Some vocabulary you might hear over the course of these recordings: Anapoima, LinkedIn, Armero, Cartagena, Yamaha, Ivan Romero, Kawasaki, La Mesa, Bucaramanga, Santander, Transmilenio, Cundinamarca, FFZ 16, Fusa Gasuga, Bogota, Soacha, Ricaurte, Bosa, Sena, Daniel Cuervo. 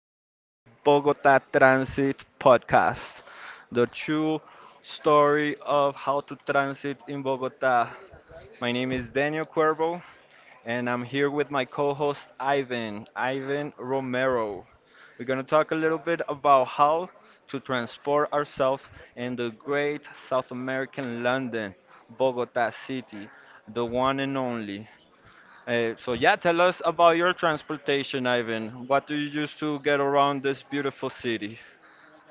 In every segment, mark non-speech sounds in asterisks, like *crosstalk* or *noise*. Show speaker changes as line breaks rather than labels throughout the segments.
welcome to Bogota Transit Podcast, the true story of how to transit in Bogota. My name is Daniel Cuervo, and I'm here with my co host Ivan Romero. We're going to talk a little bit about how to transport ourselves in the great South American London, Bogota City, the one and only. So yeah, tell us about your transportation, Ivan. What do you use to get around this beautiful city?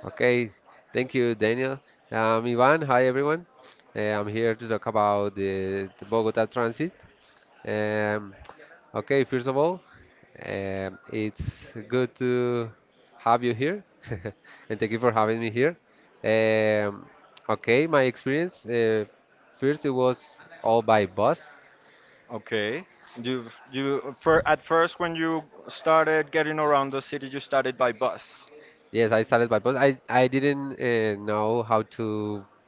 Okay, thank you, Daniel. Ivan, hi everyone. I'm here to talk about the Bogota transit. Um, okay, first of all, it's good to have you here, *laughs* and thank you for having me here. Um, okay, my experience. First, it was all by bus.
Okay. You you at first when you started getting around the city, you started by bus.
Yes, I started by bus. I didn't know how to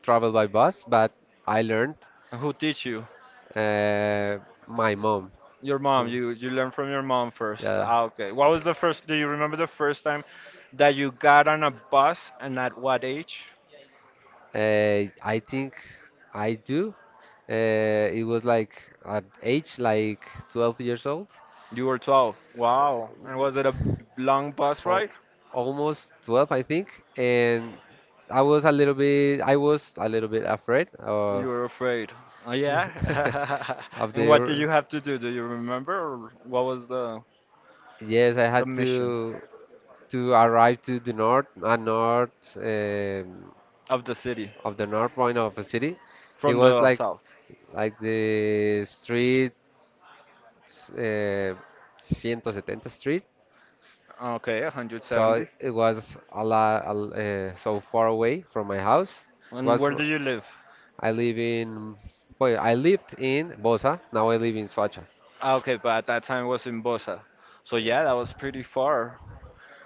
travel by bus, but I learned.
Who teach you?
Uh, my mom.
Your mom.
who-
You learn from your mom first.
Yeah.
Ah, okay. What was the first? Do you remember the first time that you got on a bus and at what age?
I think I do. It was like at age like 12 years old.
You were 12. Wow. And
Uh,
was it a long bus
al-
ride?
Almost 12, I think, and I was a little bit I was a little bit afraid
You
of
were afraid. Oh, yeah.
*laughs*
*laughs*
of
And what did
the
you have to do? Do you remember? Or what was
Yes, I
the
had
mission
to arrive to the north, um,
of the city
of the north point of a city. It
from
was
the
like
south?
the street, uh, 170 Street,
Okay,
so
170.
it was a lot, so far away from my house.
And
Was
where
fr-
do you live?
I live in I lived in Bosa. Now I live in Soacha.
Ah, okay, but at that time it was in Bosa. So yeah, that was pretty far.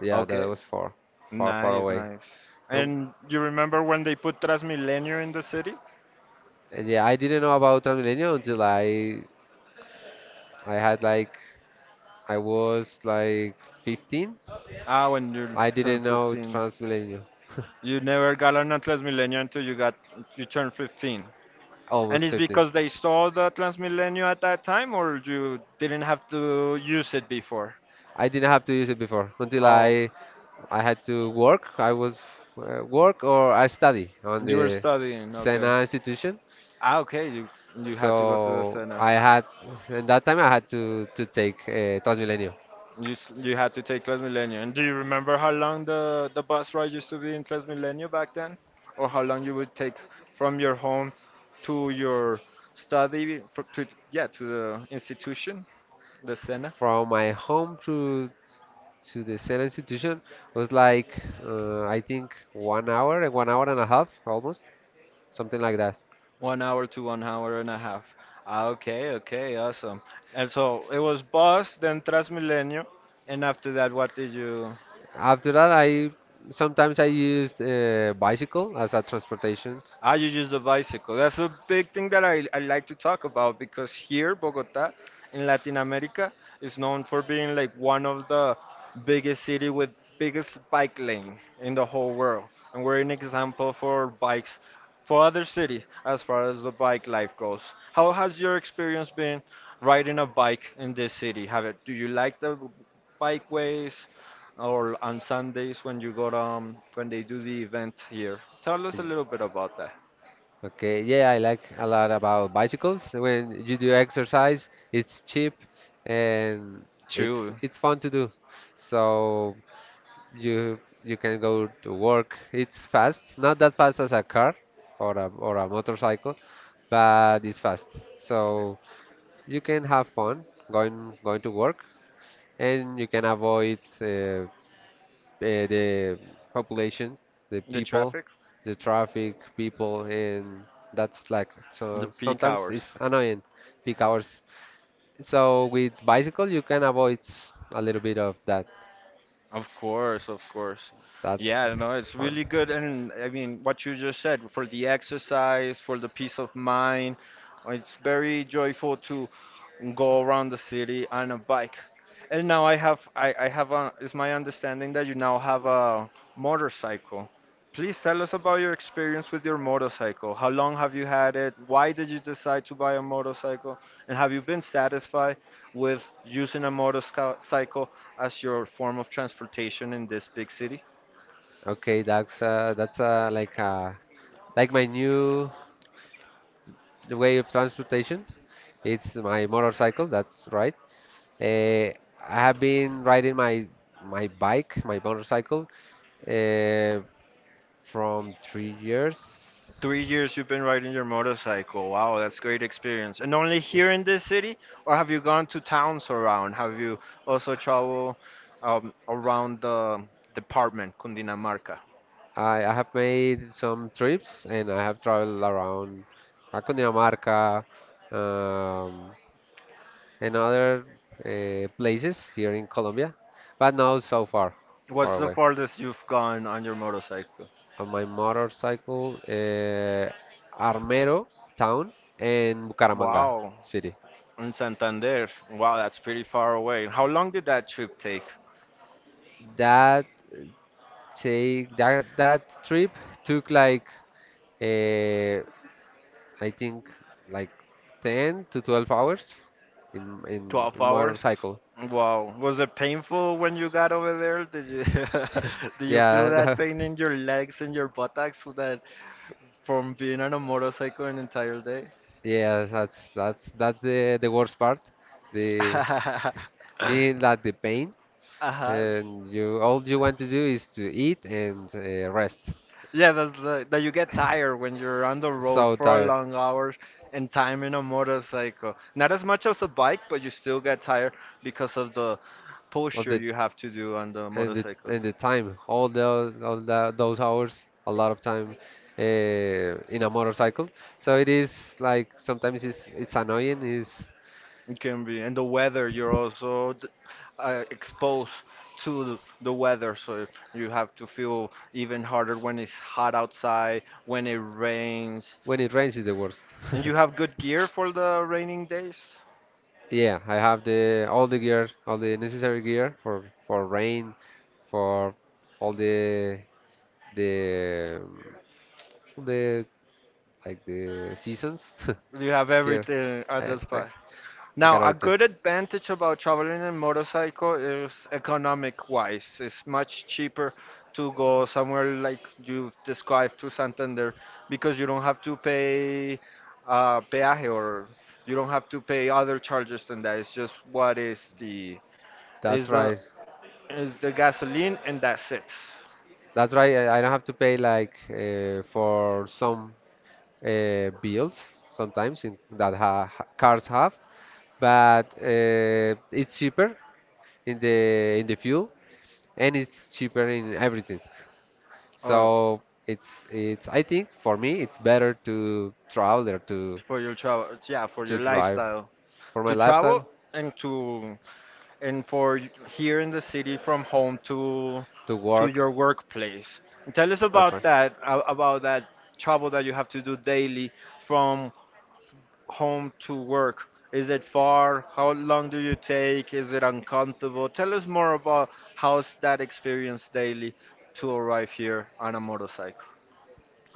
Yeah, that
Okay.
was far, far, far
Nice,
away.
nice.
And,
And you remember when they put Transmilenio in the city?
and yeah, I didn't know about Transmilenio until I had like I was like 15.
Ah, when you
I
turned
didn't know
15.
Transmilenio. *laughs*
You never got on a Transmilenio until you turned 15. And
Almost
it's
15.
because they saw the Transmilenio at that time, or you didn't have to use it before?
I didn't have to use it before until
Oh,
I had to work. I was work, or I study on
you were
the
studying. Okay.
Sena institution.
Ah, okay. You had to go to the
So
center.
I had In that time I had to take, Transmilenio.
You had to take Transmilenio. And do you remember how long the bus ride used to be in Transmilenio back then, or how long you would take from your home to your study fr- to yeah to the institution, the center?
From my home to the Senate institution was like, I think 1 hour and 1 hour and a half, almost something like that.
1 hour to 1 hour and a half. Ah, okay, okay, awesome. And so it was bus, then Transmilenio, and after that, what did you?
After that, I sometimes I used bicycle as a transportation.
I use the bicycle. That's a big thing that I like to talk about because here, Bogota, in Latin America, is known for being like one of the biggest city with biggest bike lane in the whole world. And we're an example for bikes for other cities as far as the bike life goes. How has your experience been riding a bike in this city? Do you like the bikeways or on Sundays when you go to, when they do the event here? Tell us a
Mm.
little bit about that.
Okay, yeah, I like a lot about bicycles. When you do exercise, it's cheap, and it's
To
it's fun to do. So you can go to work. It's fast, not that fast as a car or a motorcycle, but it's fast. So you can have fun going to work, and you can avoid the population, the
the
people,
traffic,
the traffic, people, and that's like,
the
so
peak
sometimes
hours.
it's annoying, peak hours. So with bicycle you can avoid, a little bit of that.
Of course, of course.
That's
Yeah, no, it's
fun.
really good. And I mean, what you just said for the exercise, for the peace of mind, it's very joyful to go around the city on a bike. And now I have is my understanding that you now have a motorcycle. Please tell us about your experience with your motorcycle. How long have you had it? Why did you decide to buy a motorcycle? And have you been satisfied with using a motorcycle as your form of transportation in this big city?
Okay, that's like my new way of transportation. It's my motorcycle. That's right. Uh, I have been riding my bike, my motorcycle, uh, from 3 years.
3 years you've been riding your motorcycle. Wow, that's great experience. And only here in this city, or have you gone to towns around? Have you also traveled around the department, Cundinamarca?
I have made some trips, and I have traveled around, Cundinamarca, um, and other, places here in Colombia, but not so far, far
What's the
away.
farthest you've gone on your motorcycle?
On my motorcycle, Armero town and Bucaramanga
Wow,
city.
in Santander. Wow, that's pretty far away. How long did that trip take?
That take that That trip took like, uh, I think, like 10 to 12 hours in
12
in
hours?
motorcycle.
Wow. Was it painful when you got over there? Did you *laughs* did you feel
Yeah, *laughs*
that pain in your legs and your buttocks that from being on a motorcycle an entire day?
yeah, that's the worst part. The
*laughs*
Being that the pain,
Uh-huh.
and you all you want to do is to eat and, rest.
Yeah, that's the, that you get tired
*laughs*
when you're on the road
So
for
tired.
long hours and time in a motorcycle. Not as much as a bike, but you still get tired because of the
Of
posture
the
you have to do on the
And the,
motorcycle.
time, all the, those hours, a lot of time, in a motorcycle. So it is, like, sometimes it's annoying. Is
It can be, and the weather, you're also exposed to the weather, so you have to feel even harder when it's hot outside, when it rains.
When it rains is the worst.
And you have
*laughs*
good gear for the raining days?
Yeah, I have the all the gear, all the necessary gear for rain, for all the um, the like the seasons
You have
*laughs* here.
everything at
I,
the
I,
spot.
I
Now,
got
a
everything.
good advantage about traveling in motorcycle is economic wise. It's much cheaper to go somewhere like you've described to Santander because you don't have to pay peaje or you don't have to pay other charges than that. It's just what is the is
That's
the
right.
is the gasoline and that's it.
That's right. I don't have to pay like, for some, builds sometimes in, that cars have, but, it's cheaper in the fuel, and it's cheaper in everything.
Uh,
So it's I think for me it's better to travel or
for your travel, yeah, for
to
your
drive
lifestyle
for my
to travel
lifestyle
and to and for y- here in the city from home
to
to
work.
your workplace. And tell us
That's
about
right.
about that travel that you have to do daily from home to work. Is it far? How long do you take? Is it uncomfortable? Tell us more about how's that experience daily to arrive here on a motorcycle.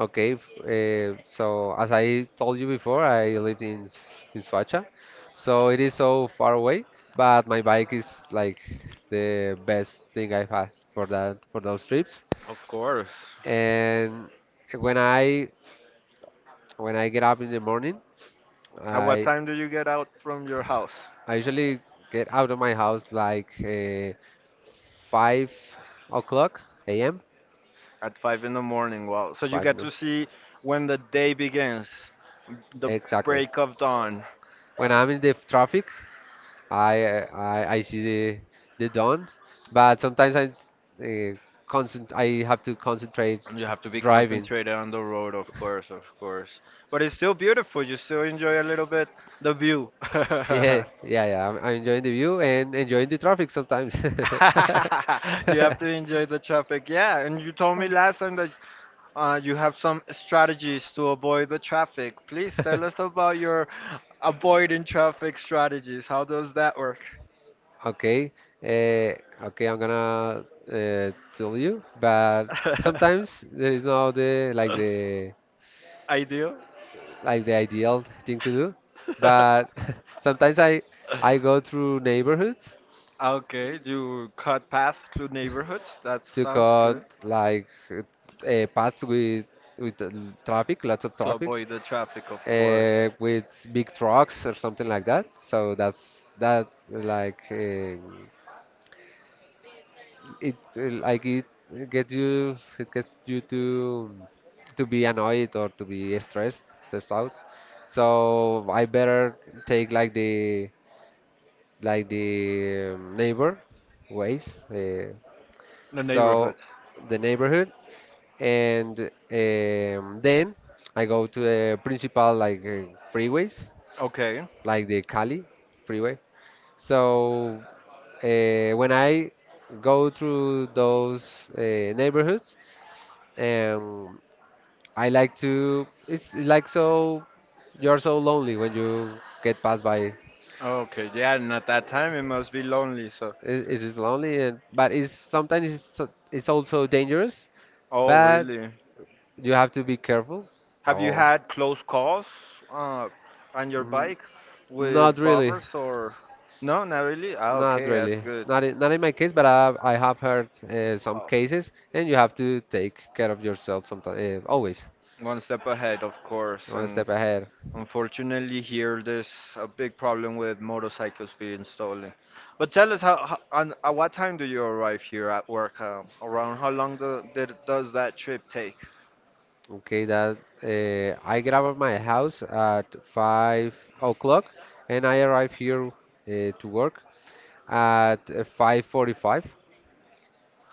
Okay, so as I told you before, I lived in, in Suacha, so it is so far away, but my bike is like the best thing I've had for those trips.
Of course.
And when I when I get up in the morning,
At what
I
time do you get out from your house?
I usually get out of my house like, 5 o'clock a.m.
At five in the morning, wow. So you
Five,
get
no,
to see when the day begins, the
exactly.
break of dawn.
When I'm in the traffic, I see the dawn, but sometimes, uh, I have to concentrate
And you have to be
driving. *laughs*
concentrated on the road, of course, of course. But it's still beautiful. You still enjoy a little bit the view. *laughs*
Yeah, yeah, yeah. I'm enjoying the view and enjoying the traffic sometimes. *laughs*
*laughs* You have to enjoy the traffic. Yeah, and you told me last time that you have some strategies to avoid the traffic. Please tell us about your avoiding traffic strategies. How does that work?
Okay, uh, okay, I'm gonna, tell you, but sometimes
*laughs*
there is no the like the
I do.
like the ideal thing to do. But
*laughs*
*laughs* sometimes I go through neighborhoods
Okay, you cut path through neighborhoods. That
to
sounds
cut
good.
like, paths with with uh, traffic, lots of
To
traffic,
avoid the traffic, of course.
with big trucks or something like that. So that's that, like, it like it gets you to be annoyed or to be stressed, out. So I better take like the, neighbor ways,
The
so
neighborhood.
the neighborhood, and, then I go to the principal, like, freeways,
Okay.
like the Cali freeway. So, when I go through those, neighborhoods, um, I like to. It's like, so you're so lonely when you get passed by.
Okay. Yeah, and at that time it must be lonely. So.
It is lonely, and but it's, sometimes it's also dangerous,
Oh,
but
really?
you have to be careful.
Have you
Oh,
had close calls uh, on your
mm,
bike with
not really,
robbers or? No, not really. Ah,
not
okay, that's
really,
good.
not in my case, but I have heard, some
Oh,
cases, and you have to take care of yourself sometimes, always
one step ahead, of course,
one
and
step ahead.
unfortunately here there's a big problem with motorcycles being stolen. But tell us how on, at what time do you arrive here at work? Around how long does that trip take?
Okay, that I get out of my house at 5 o'clock, and I arrive here, to work at, 5:45,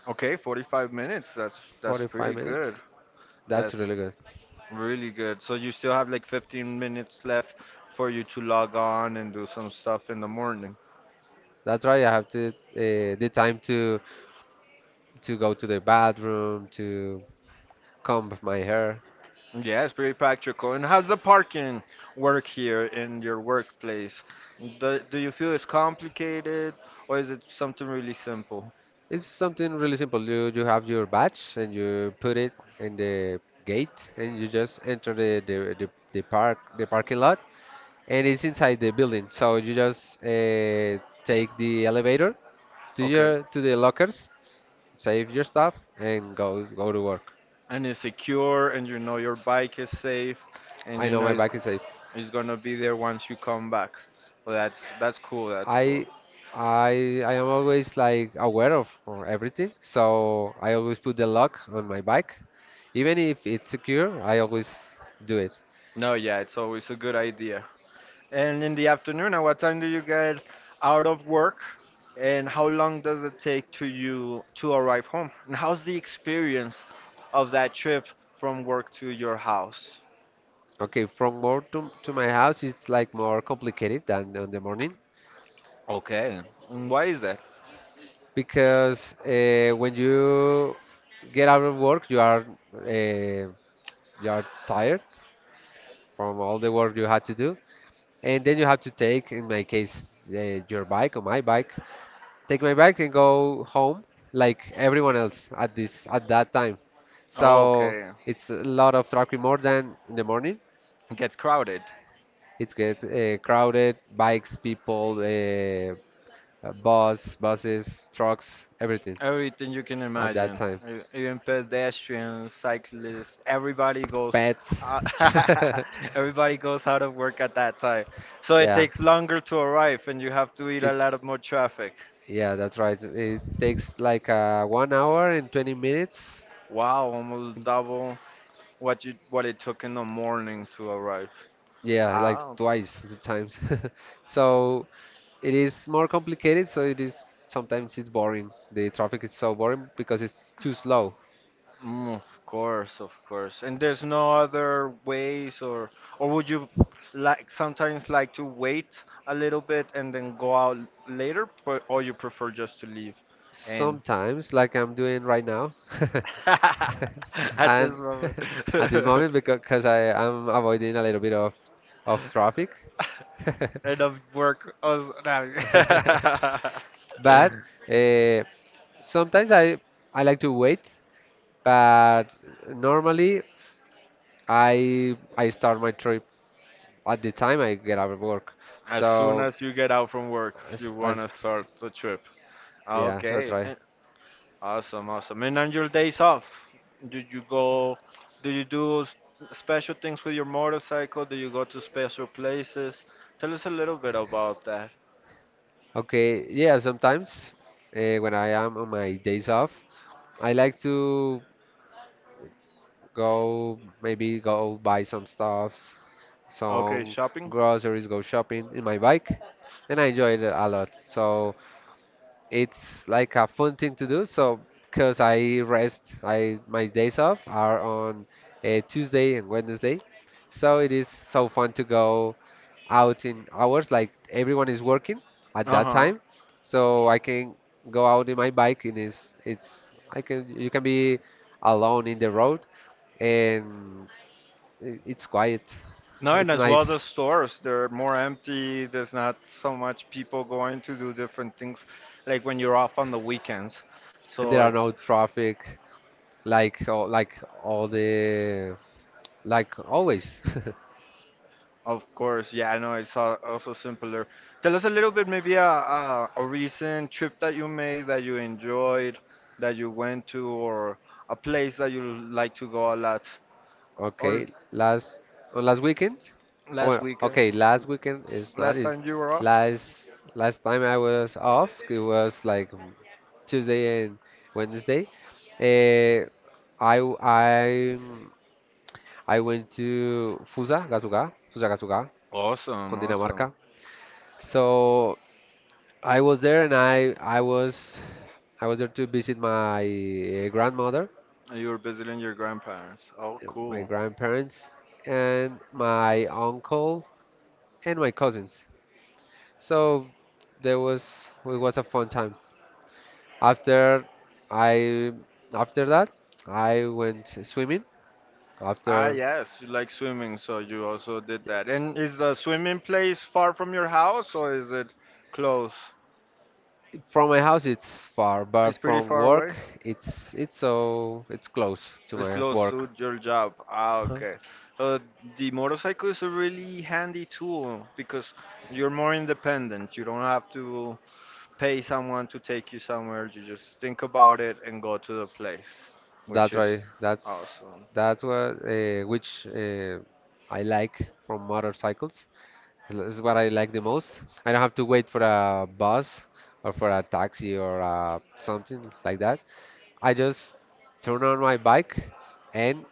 Okay, 45 minutes. That's pretty
minutes.
good.
That's
That's
really good.
really good. So you still have like 15 minutes left for you to log on and do some stuff in the morning.
That's right. I have to the time to go to the bathroom, to comb my hair.
Yes, pretty practical. And how's the parking work here in your workplace? Do you feel it's complicated or is it something really simple?
It's something really simple. You have your badge, and you put it in the gate, and you just enter the parking lot, and it's inside the building. So you just, take the elevator to the lockers, save your stuff, and go to work.
And it's secure and you know your bike is safe and
I
you
know my
know
bike is safe.
it's gonna be there once you come back. Well, that's cool.
I I I am always like aware of, everything, so I always put the lock on my bike. Even if it's secure, I always do it.
No, yeah, it's always a good idea. And in the afternoon, at what time do you get out of work? And how long does it take to you to arrive home? And how's the experience of that trip from work to your house?
Okay, from work to my house, it's like more complicated than on the morning,
Okay. And why is that?
because, when you get out of work, uh, you are tired from all the work you had to do, and then you have to take, in my case, your bike or my bike, take my bike and go home, like everyone else at that time. So
Okay.
it's a lot of traffic, more than in the morning.
Get crowded.
It gets, crowded, bikes, people, buses, trucks, everything
Everything you can
at that
imagine.
time.
Even pedestrians, cyclists, everybody goes
Pets.
out,
*laughs*
*laughs* everybody goes out of work at that time. So it
Yeah.
takes longer to arrive and you have to eat a
It
lot of more traffic.
Yeah, that's right. It takes like, 1 hour and 20 minutes.
Wow, almost double what it took in the morning to arrive.
Yeah, like
Ah,
twice the times. *laughs* So it is more complicated, so it is sometimes it's boring. The traffic is so boring because it's too slow.
mm, of course, of course. And there's no other ways, or would you like sometimes like to wait a little bit and then go out later, but or you prefer just to leave and
Sometimes like I'm doing right now,
*laughs*
*laughs*
at this
and *laughs*
moment
at this
*laughs*
moment, because I am avoiding a little bit of traffic.
and of work also now. *laughs*
*laughs* But, uh, sometimes I like to wait, but normally I start my trip at the time I get out of work.
As soon
So,
as you get out from work, you
as,
wanna
as
start the trip.
yeah, that's
Okay,
right.
awesome, awesome. And on your days off, do you go, do you do special things with your motorcycle? Do you go to special places? Tell us a little bit about that.
Okay, yeah, sometimes, when I am on my days off, I like to go, maybe go buy some stuffs,
Okay,
some
shopping?
groceries, go shopping in my bike, and I enjoy it a lot. So it's like a fun thing to do. So, because I rest, I my days off are on, Tuesday and Wednesday, so it is so fun to go out in hours. Like everyone is working at that
Uh-huh.
time, so I can go out in my bike, and it's I can you can be alone in the road, and it's quiet.
No, and
It's
as well
nice.
the stores, they're more empty. There's not so much people going to do different things like when you're off on the weekends.
There
So
are no traffic. Like all, like all the like always. *laughs*
of course, yeah, I know it's also simpler. Tell us a little bit, maybe a recent trip that you made that you enjoyed, that you went to, or a place that you like to go a lot. Or
Okay, last on last weekend,
last
or
weekend,
okay, last weekend is not
last
is
time you were off.
last last time I was off. It was like, Tuesday and Wednesday. Uh, I w- I went to Fusa Gasuga, Fusa Gasuga,
Awesome, awesome.
Cundinamarca. So I was there and I was there to visit my, grandmother,
And you were visiting your grandparents. Oh,
my
cool.
grandparents, and my uncle, and my cousins. So there was it was a fun time. After I After that, I went swimming.
Ah,
After
yes, you like swimming, so you also did that. And is the swimming place far from your house, or is it close?
From my house it's far, but
It's pretty
from
far away.
work it's close to
It's
my
close
work.
to your job. Ah,
Huh.
okay. Uh, the motorcycle is a really handy tool because you're more independent. You don't have to pay someone to take you somewhere. You just think about it and go to the place, which
That's
is
right.
awesome.
That's what, which, I like from motorcycles. This is what I like the most. I don't have to wait for a bus or for a taxi, or, something like that. I just turn on my bike and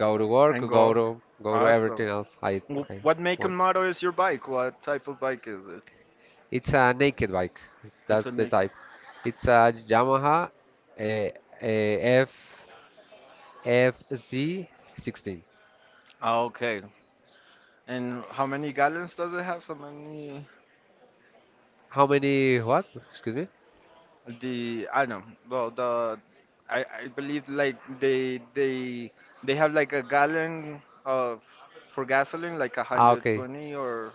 go to work,
And
or
go.
go to
Awesome.
everything else I I
What make and
want.
model is your bike? What type of bike is it?
It's a naked bike.
It's a
That's the
make.
type. It's a Yamaha, a a FFZ 16.
Ah, okay. And how many gallons does it have? So many.
How many what? Excuse me.
The I don't know. Well, the I believe like they have like a gallon of for gasoline like
Ah, okay.
120 or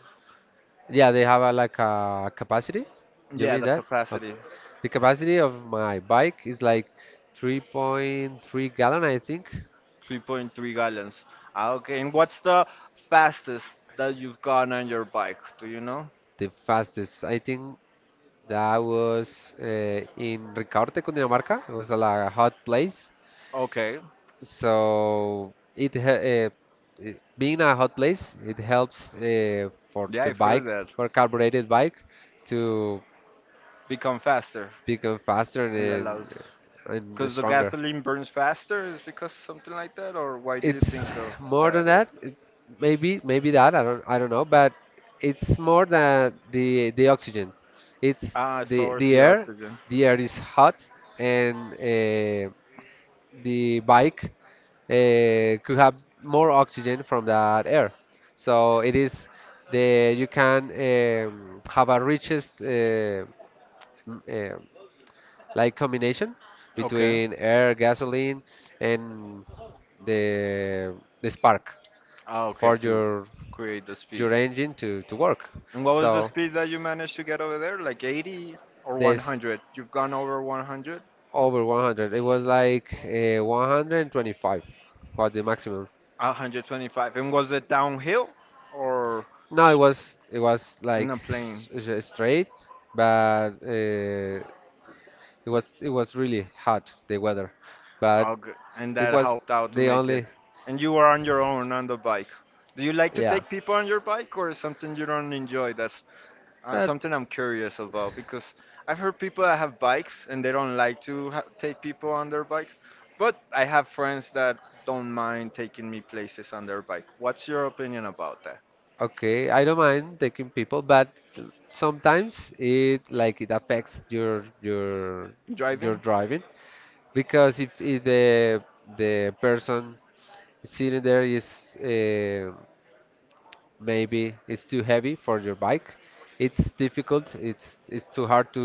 Yeah, they have like a capacity. You
yeah
mean
the
that? Okay.
capacity
The capacity of my bike is like 3.3 gallon, I think.
3.3 gallons. Ah, okay, and what's the fastest that you've gone on your bike? Do you know?
The fastest, I think, that was in Ricaurte, Cundinamarca. It was a, a hot place.
Okay,
So it being a hot place, it helps for
yeah,
the
I've heard
bike,
that.
for carbureted bike, to
Become faster.
become faster
It
and
allows. Because the
stronger.
gasoline burns faster, is because something like that, or why do you think
It's
of
more than
that is?
that. Maybe that I don't know, but it's more than the oxygen. It's
Ah, it
the
source
the
the
air.
oxygen.
The air is hot, and the bike could have more oxygen from that air. So it is the you can have a richest m- uh, like combination
Okay.
between air, gasoline, and the the spark
Ah, okay,
for
to create the speed.
your engine to work.
And what was the
So
speed that you managed to get over there? Like 80 or
this
100? You've gone over 100?
over 100, it was like 125 was the maximum.
125. And was it downhill or
No,
sh-
it was
in
like
a plane?
straight, but it was really hot the weather,
Oh,
but
good. And
it
that
was
helped out to
the
make it.
only
And you were on your own on the bike. Do you like to
yeah.
take people on your bike or is something you don't enjoy? That's
But
Something I'm curious about because I've heard people that have bikes and they don't like to ha take people on their bike, but I have friends that don't mind taking me places on their bike. What's your opinion about that?
okay, I don't mind taking people, but sometimes it like it affects your your
Driving?
driving because if the person sitting there is uh, maybe it's too heavy for your bike, it's difficult. It's too hard to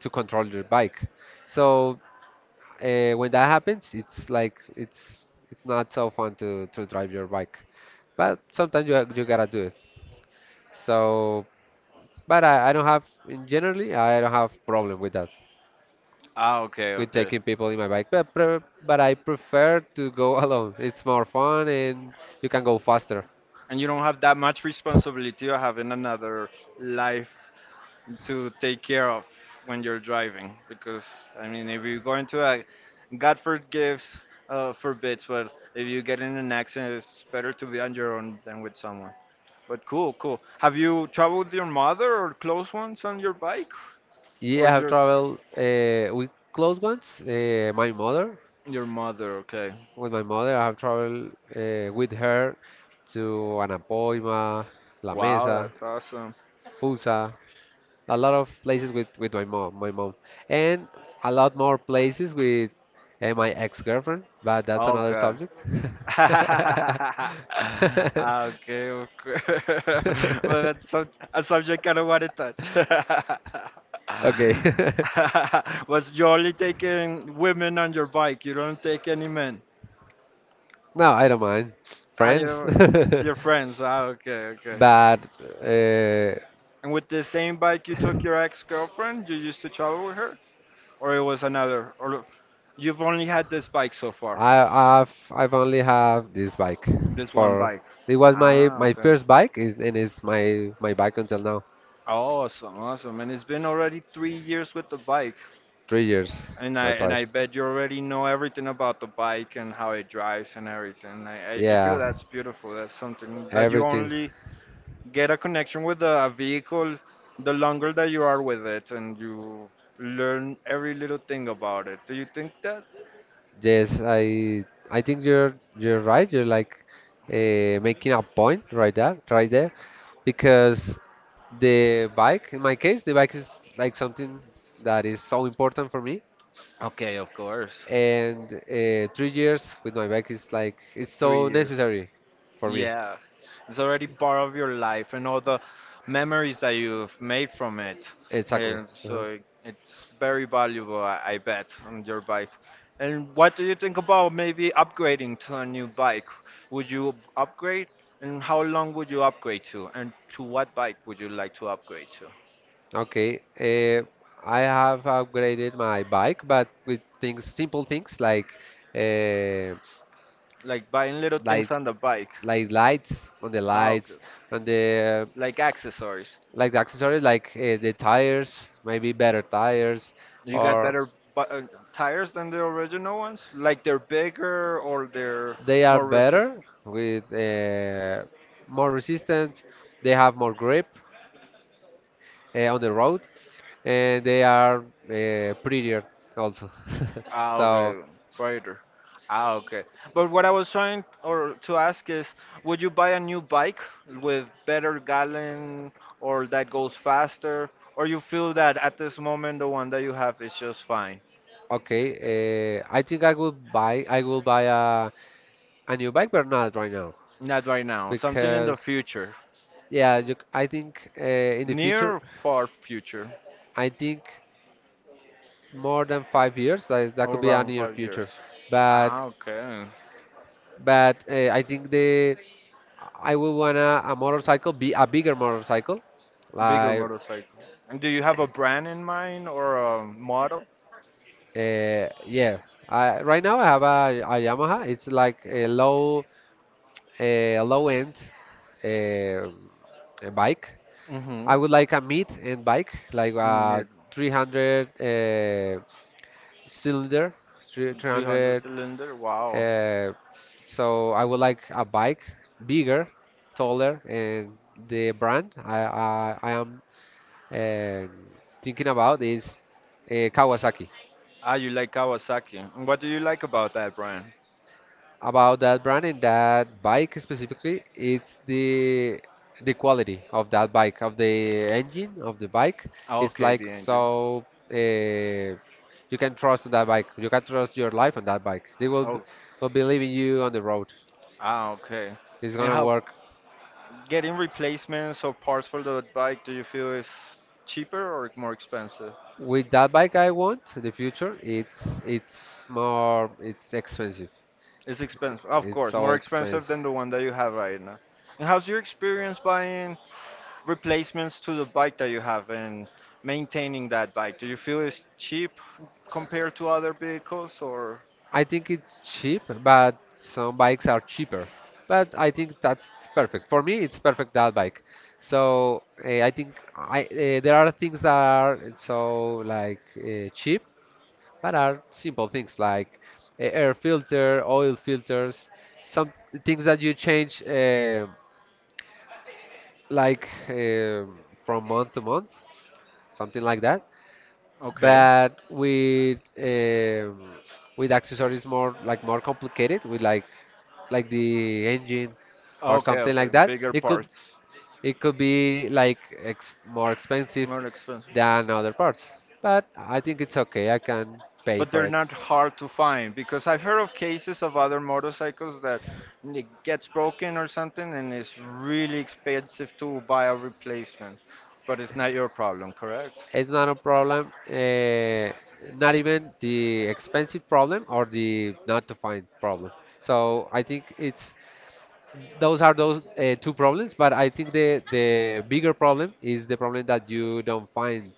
control your bike. So when that happens, it's like it's not so fun to drive your bike, but sometimes you you gotta do. So, but I don't have, generally, I don't have problem with that,
Ah, okay,
with
okay.
taking people in my bike. But I prefer to go *laughs* alone. It's more fun and you can go faster.
And you don't have that much responsibility of having another life to take care of when you're driving. Because I mean, if you're going to a God forgives, forbids, but if you get in an accident it's better to be on your own than with someone. But cool, cool, have you traveled with your mother or close ones on your bike, or
Yeah, I have
your
traveled with close ones. My mother,
your mother? Okay.
with my mother, I have traveled with her to Anapoima, La
Wow,
Mesa,
that's awesome.
Fusa, a lot of places with my mom, and a lot more places with my ex-girlfriend. But that's another
Okay.
subject.
*laughs* Ah,
*laughs*
okay, okay. *laughs* Well, that's some, a subject I don't want to touch. *laughs*
Okay. *laughs*
But you're only taking women on your bike. You don't take any men.
No, I don't mind.
Ah,
Friends. *laughs*
your friends. Ah, okay, okay.
But uh,
And with the same bike you took your ex-girlfriend, you used to travel with her, or it was another, or you've only had this bike so far,
I've only have this bike
this one
for
bike.
it was my
Ah,
my
okay.
first bike is and it's my bike until now.
Awesome, awesome. And it's been already 3 years with the bike.
3 years.
And I
That's
and
right.
I bet you already know everything about the bike and how it drives and everything. I feel
Yeah,
that's beautiful. That's something that you
everything.
only get a connection with a vehicle the longer that you are with it and you learn every little thing about it. Do you think that?
Yes, I think you're right. You're like making a point right there, because the bike, in my case, the bike is like something that is so important for me.
Okay, of course.
And 3 years with my bike is like it's
Three
so
years.
necessary for me.
Yeah, it's already part of your life and all the memories that you've made from it.
Exactly.
And so
uh
it's very valuable, I bet, on your bike. And what do you think about maybe upgrading to a new bike? Would you upgrade? And how long would you upgrade to? And to what bike would you like to upgrade to?
Okay. I have upgraded my bike, but with things, simple things like. Uh,
Like buying little
like
things on the bike. Ah, okay.
lights on the
Like accessories.
like the accessories like the tires, maybe better tires
You got
or
better bu- uh, tires than the original ones? Like they're bigger or they're
they are
more resist?
better with more resistant, they have more grip on the road and they are prettier also. *laughs*
Ah,
So
okay, brighter. Ah, okay. But what I was trying or to ask is, would you buy a new bike with better gallon or that goes faster, or you feel that at this moment the one that you have is just fine?
okay, I think I will buy, I will buy a new bike but not right now
Not right now. Something in the
because
future,
yeah you, I think in the
near
future,
or far future,
I think more than 5 years. That, that could
or
be a
around
near
5 years.
future, but
Ah, okay.
I think the I would want to a motorcycle, be a bigger motorcycle.
A bigger
Like
motorcycle. And do you have a brand in mind or a model?
yeah, I, right now I have a Yamaha. It's like a low, a low end uh, a bike.
Mm-hmm.
I would like a mid end bike, like a
Mid
300 cylinder,
300
300.
cylinder. Wow.
Uh, so I would like a bike bigger, taller, and the brand I am thinking about is Kawasaki.
Ah, you like Kawasaki. And what do you like about that brand?
About that brand and that bike specifically, it's the quality of that bike, of the engine of the bike.
Ah,
It's
okay,
like
the engine.
so uh, you can trust that bike. You can trust your life on that bike.
Oh,
Will believe in you on the road.
ah, okay.
It's
And
gonna
how
work.
getting replacements or parts for the bike, do you feel is cheaper or more expensive?
With that bike I want in the future, it's more it's expensive.
It's expensive, of
It's
course,
so
more expensive
expensive.
than the one that you have right now. And how's your experience buying replacements to the bike that you have and maintaining that bike? Do you feel it's cheap compared to other vehicles, or
I think it's cheap, but some bikes are cheaper. But I think that's perfect. For me, it's perfect that bike. So I think I there are things that are so like cheap, but are simple things like air filter, oil filters, some things that you change like uh, from month to month, something like that.
Okay.
But with accessories more like more complicated, with like the engine or
Okay,
something
okay.
like that,
Bigger
it could
parts.
be like ex more expensive
More expensive?
than other parts. But I think it's okay. I can pay
But
for
they're
it.
not hard to find because I've heard of cases of other motorcycles that it gets broken or something and it's really expensive to buy a replacement. But it's not your problem, correct?
It's not a problem. Not even the expensive problem or the not to find problem. So I think it's those are those two problems, but I think the bigger problem is the problem that you don't find,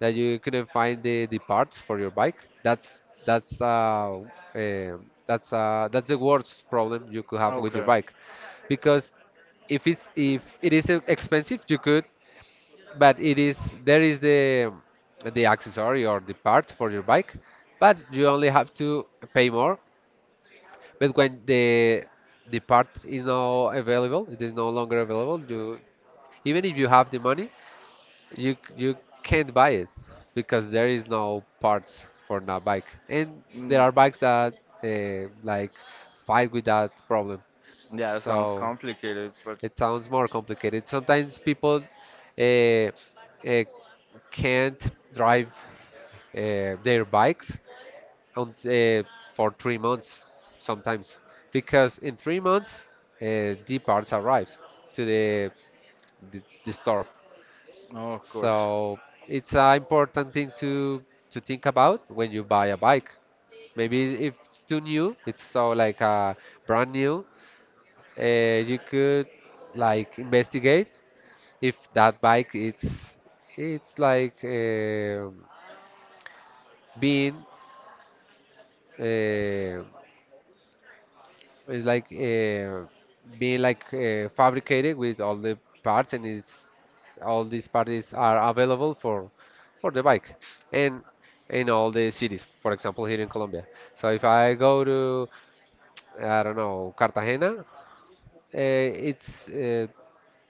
that you couldn't find the parts for your bike. That's uh, that's the worst problem you could have with your
Okay.
bike because if it is expensive you could, but it is, there is the accessory or the part for your bike, but you only have to pay more. But when the part is now available, it is no longer available. You, even if you have the money, you you can't buy it because there is no parts for that bike. And there
Mm,
are bikes that like fight with that problem.
yeah, it sounds
So
complicated, but
it sounds more complicated. Sometimes people uh, uh, can't drive their bikes on for 3 months sometimes, because in 3 months the parts arrive to the store.
no, of course.
So it's an important thing to think about when you buy a bike. Maybe if it's too new, it's so like brand new, you could like investigate if that bike it's like being uh, It's like being like fabricated with all the parts, and it's all these parts are available for the bike, and in all the cities. For example, here in Colombia. So if I go to, I don't know, Cartagena, uh, it's uh,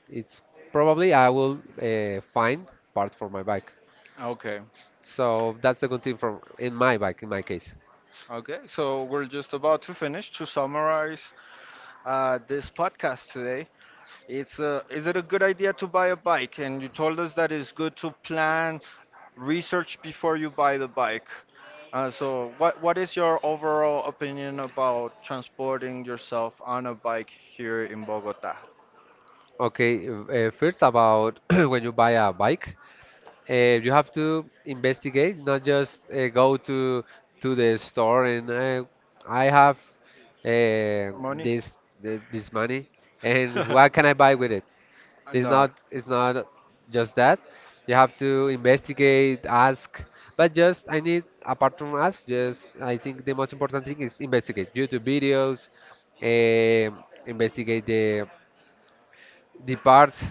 it's probably I will find parts for my bike.
Okay.
So that's the good thing from in my bike in my case.
Okay, so we're just about to finish. To summarize, this podcast today, it's is it a good idea to buy a bike? And you told us that it's good to plan, research before you buy the bike. So, what is your overall opinion about transporting yourself on a bike here in Bogota?
Okay, first about *clears throat* when you buy a bike. You have to investigate, not just go to the store and I have uh,
Money?
this this money and what can
*laughs*
I buy with it? It's
No,
not, it's not just that. You have to investigate, ask, but just I need apart from ask, just I think the most important thing is investigate YouTube videos, investigate the parts,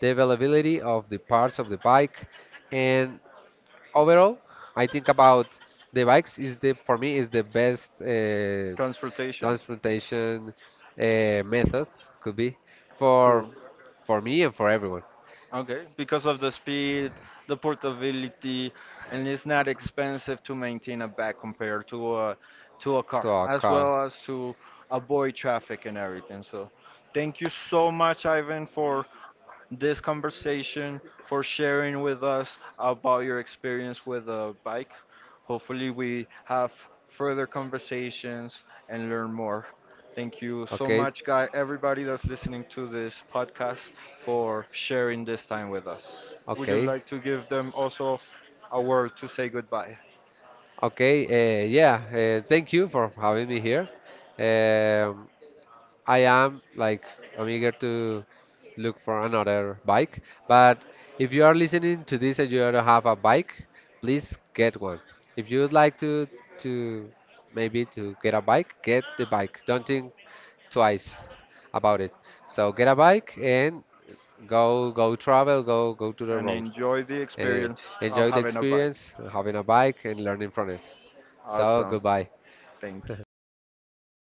the availability of the parts of the bike, and overall, I think about the bikes is the for me is the best
transportation.
transportation method could be for
Two.
me and for everyone
Okay, because of the speed, the portability, and it's not expensive to maintain a bag compared to a
to
car,
a
as
car.
well as to avoid traffic and everything. So, thank you so much, Ivan, for this conversation, for sharing with us about your experience with a bike. Hopefully, we have further conversations and learn more. Thank you so
Okay,
much, guy, everybody that's listening to this podcast for sharing this time with us. Would you
okay,
like to give them also a word to say goodbye
okay. Yeah. Thank you for having me here. Um, I am like I'm eager to look for another bike. But if you are listening to this and you don't have a bike, please get one. If you would like to to maybe to get a bike, get the bike. Don't think twice about it. So get a bike and go travel, go to the
and
road
enjoy the
and
experience of
enjoy the
having a bike?
experience of having a bike and learning from it. So
Awesome.
goodbye.
Thank you.
*laughs*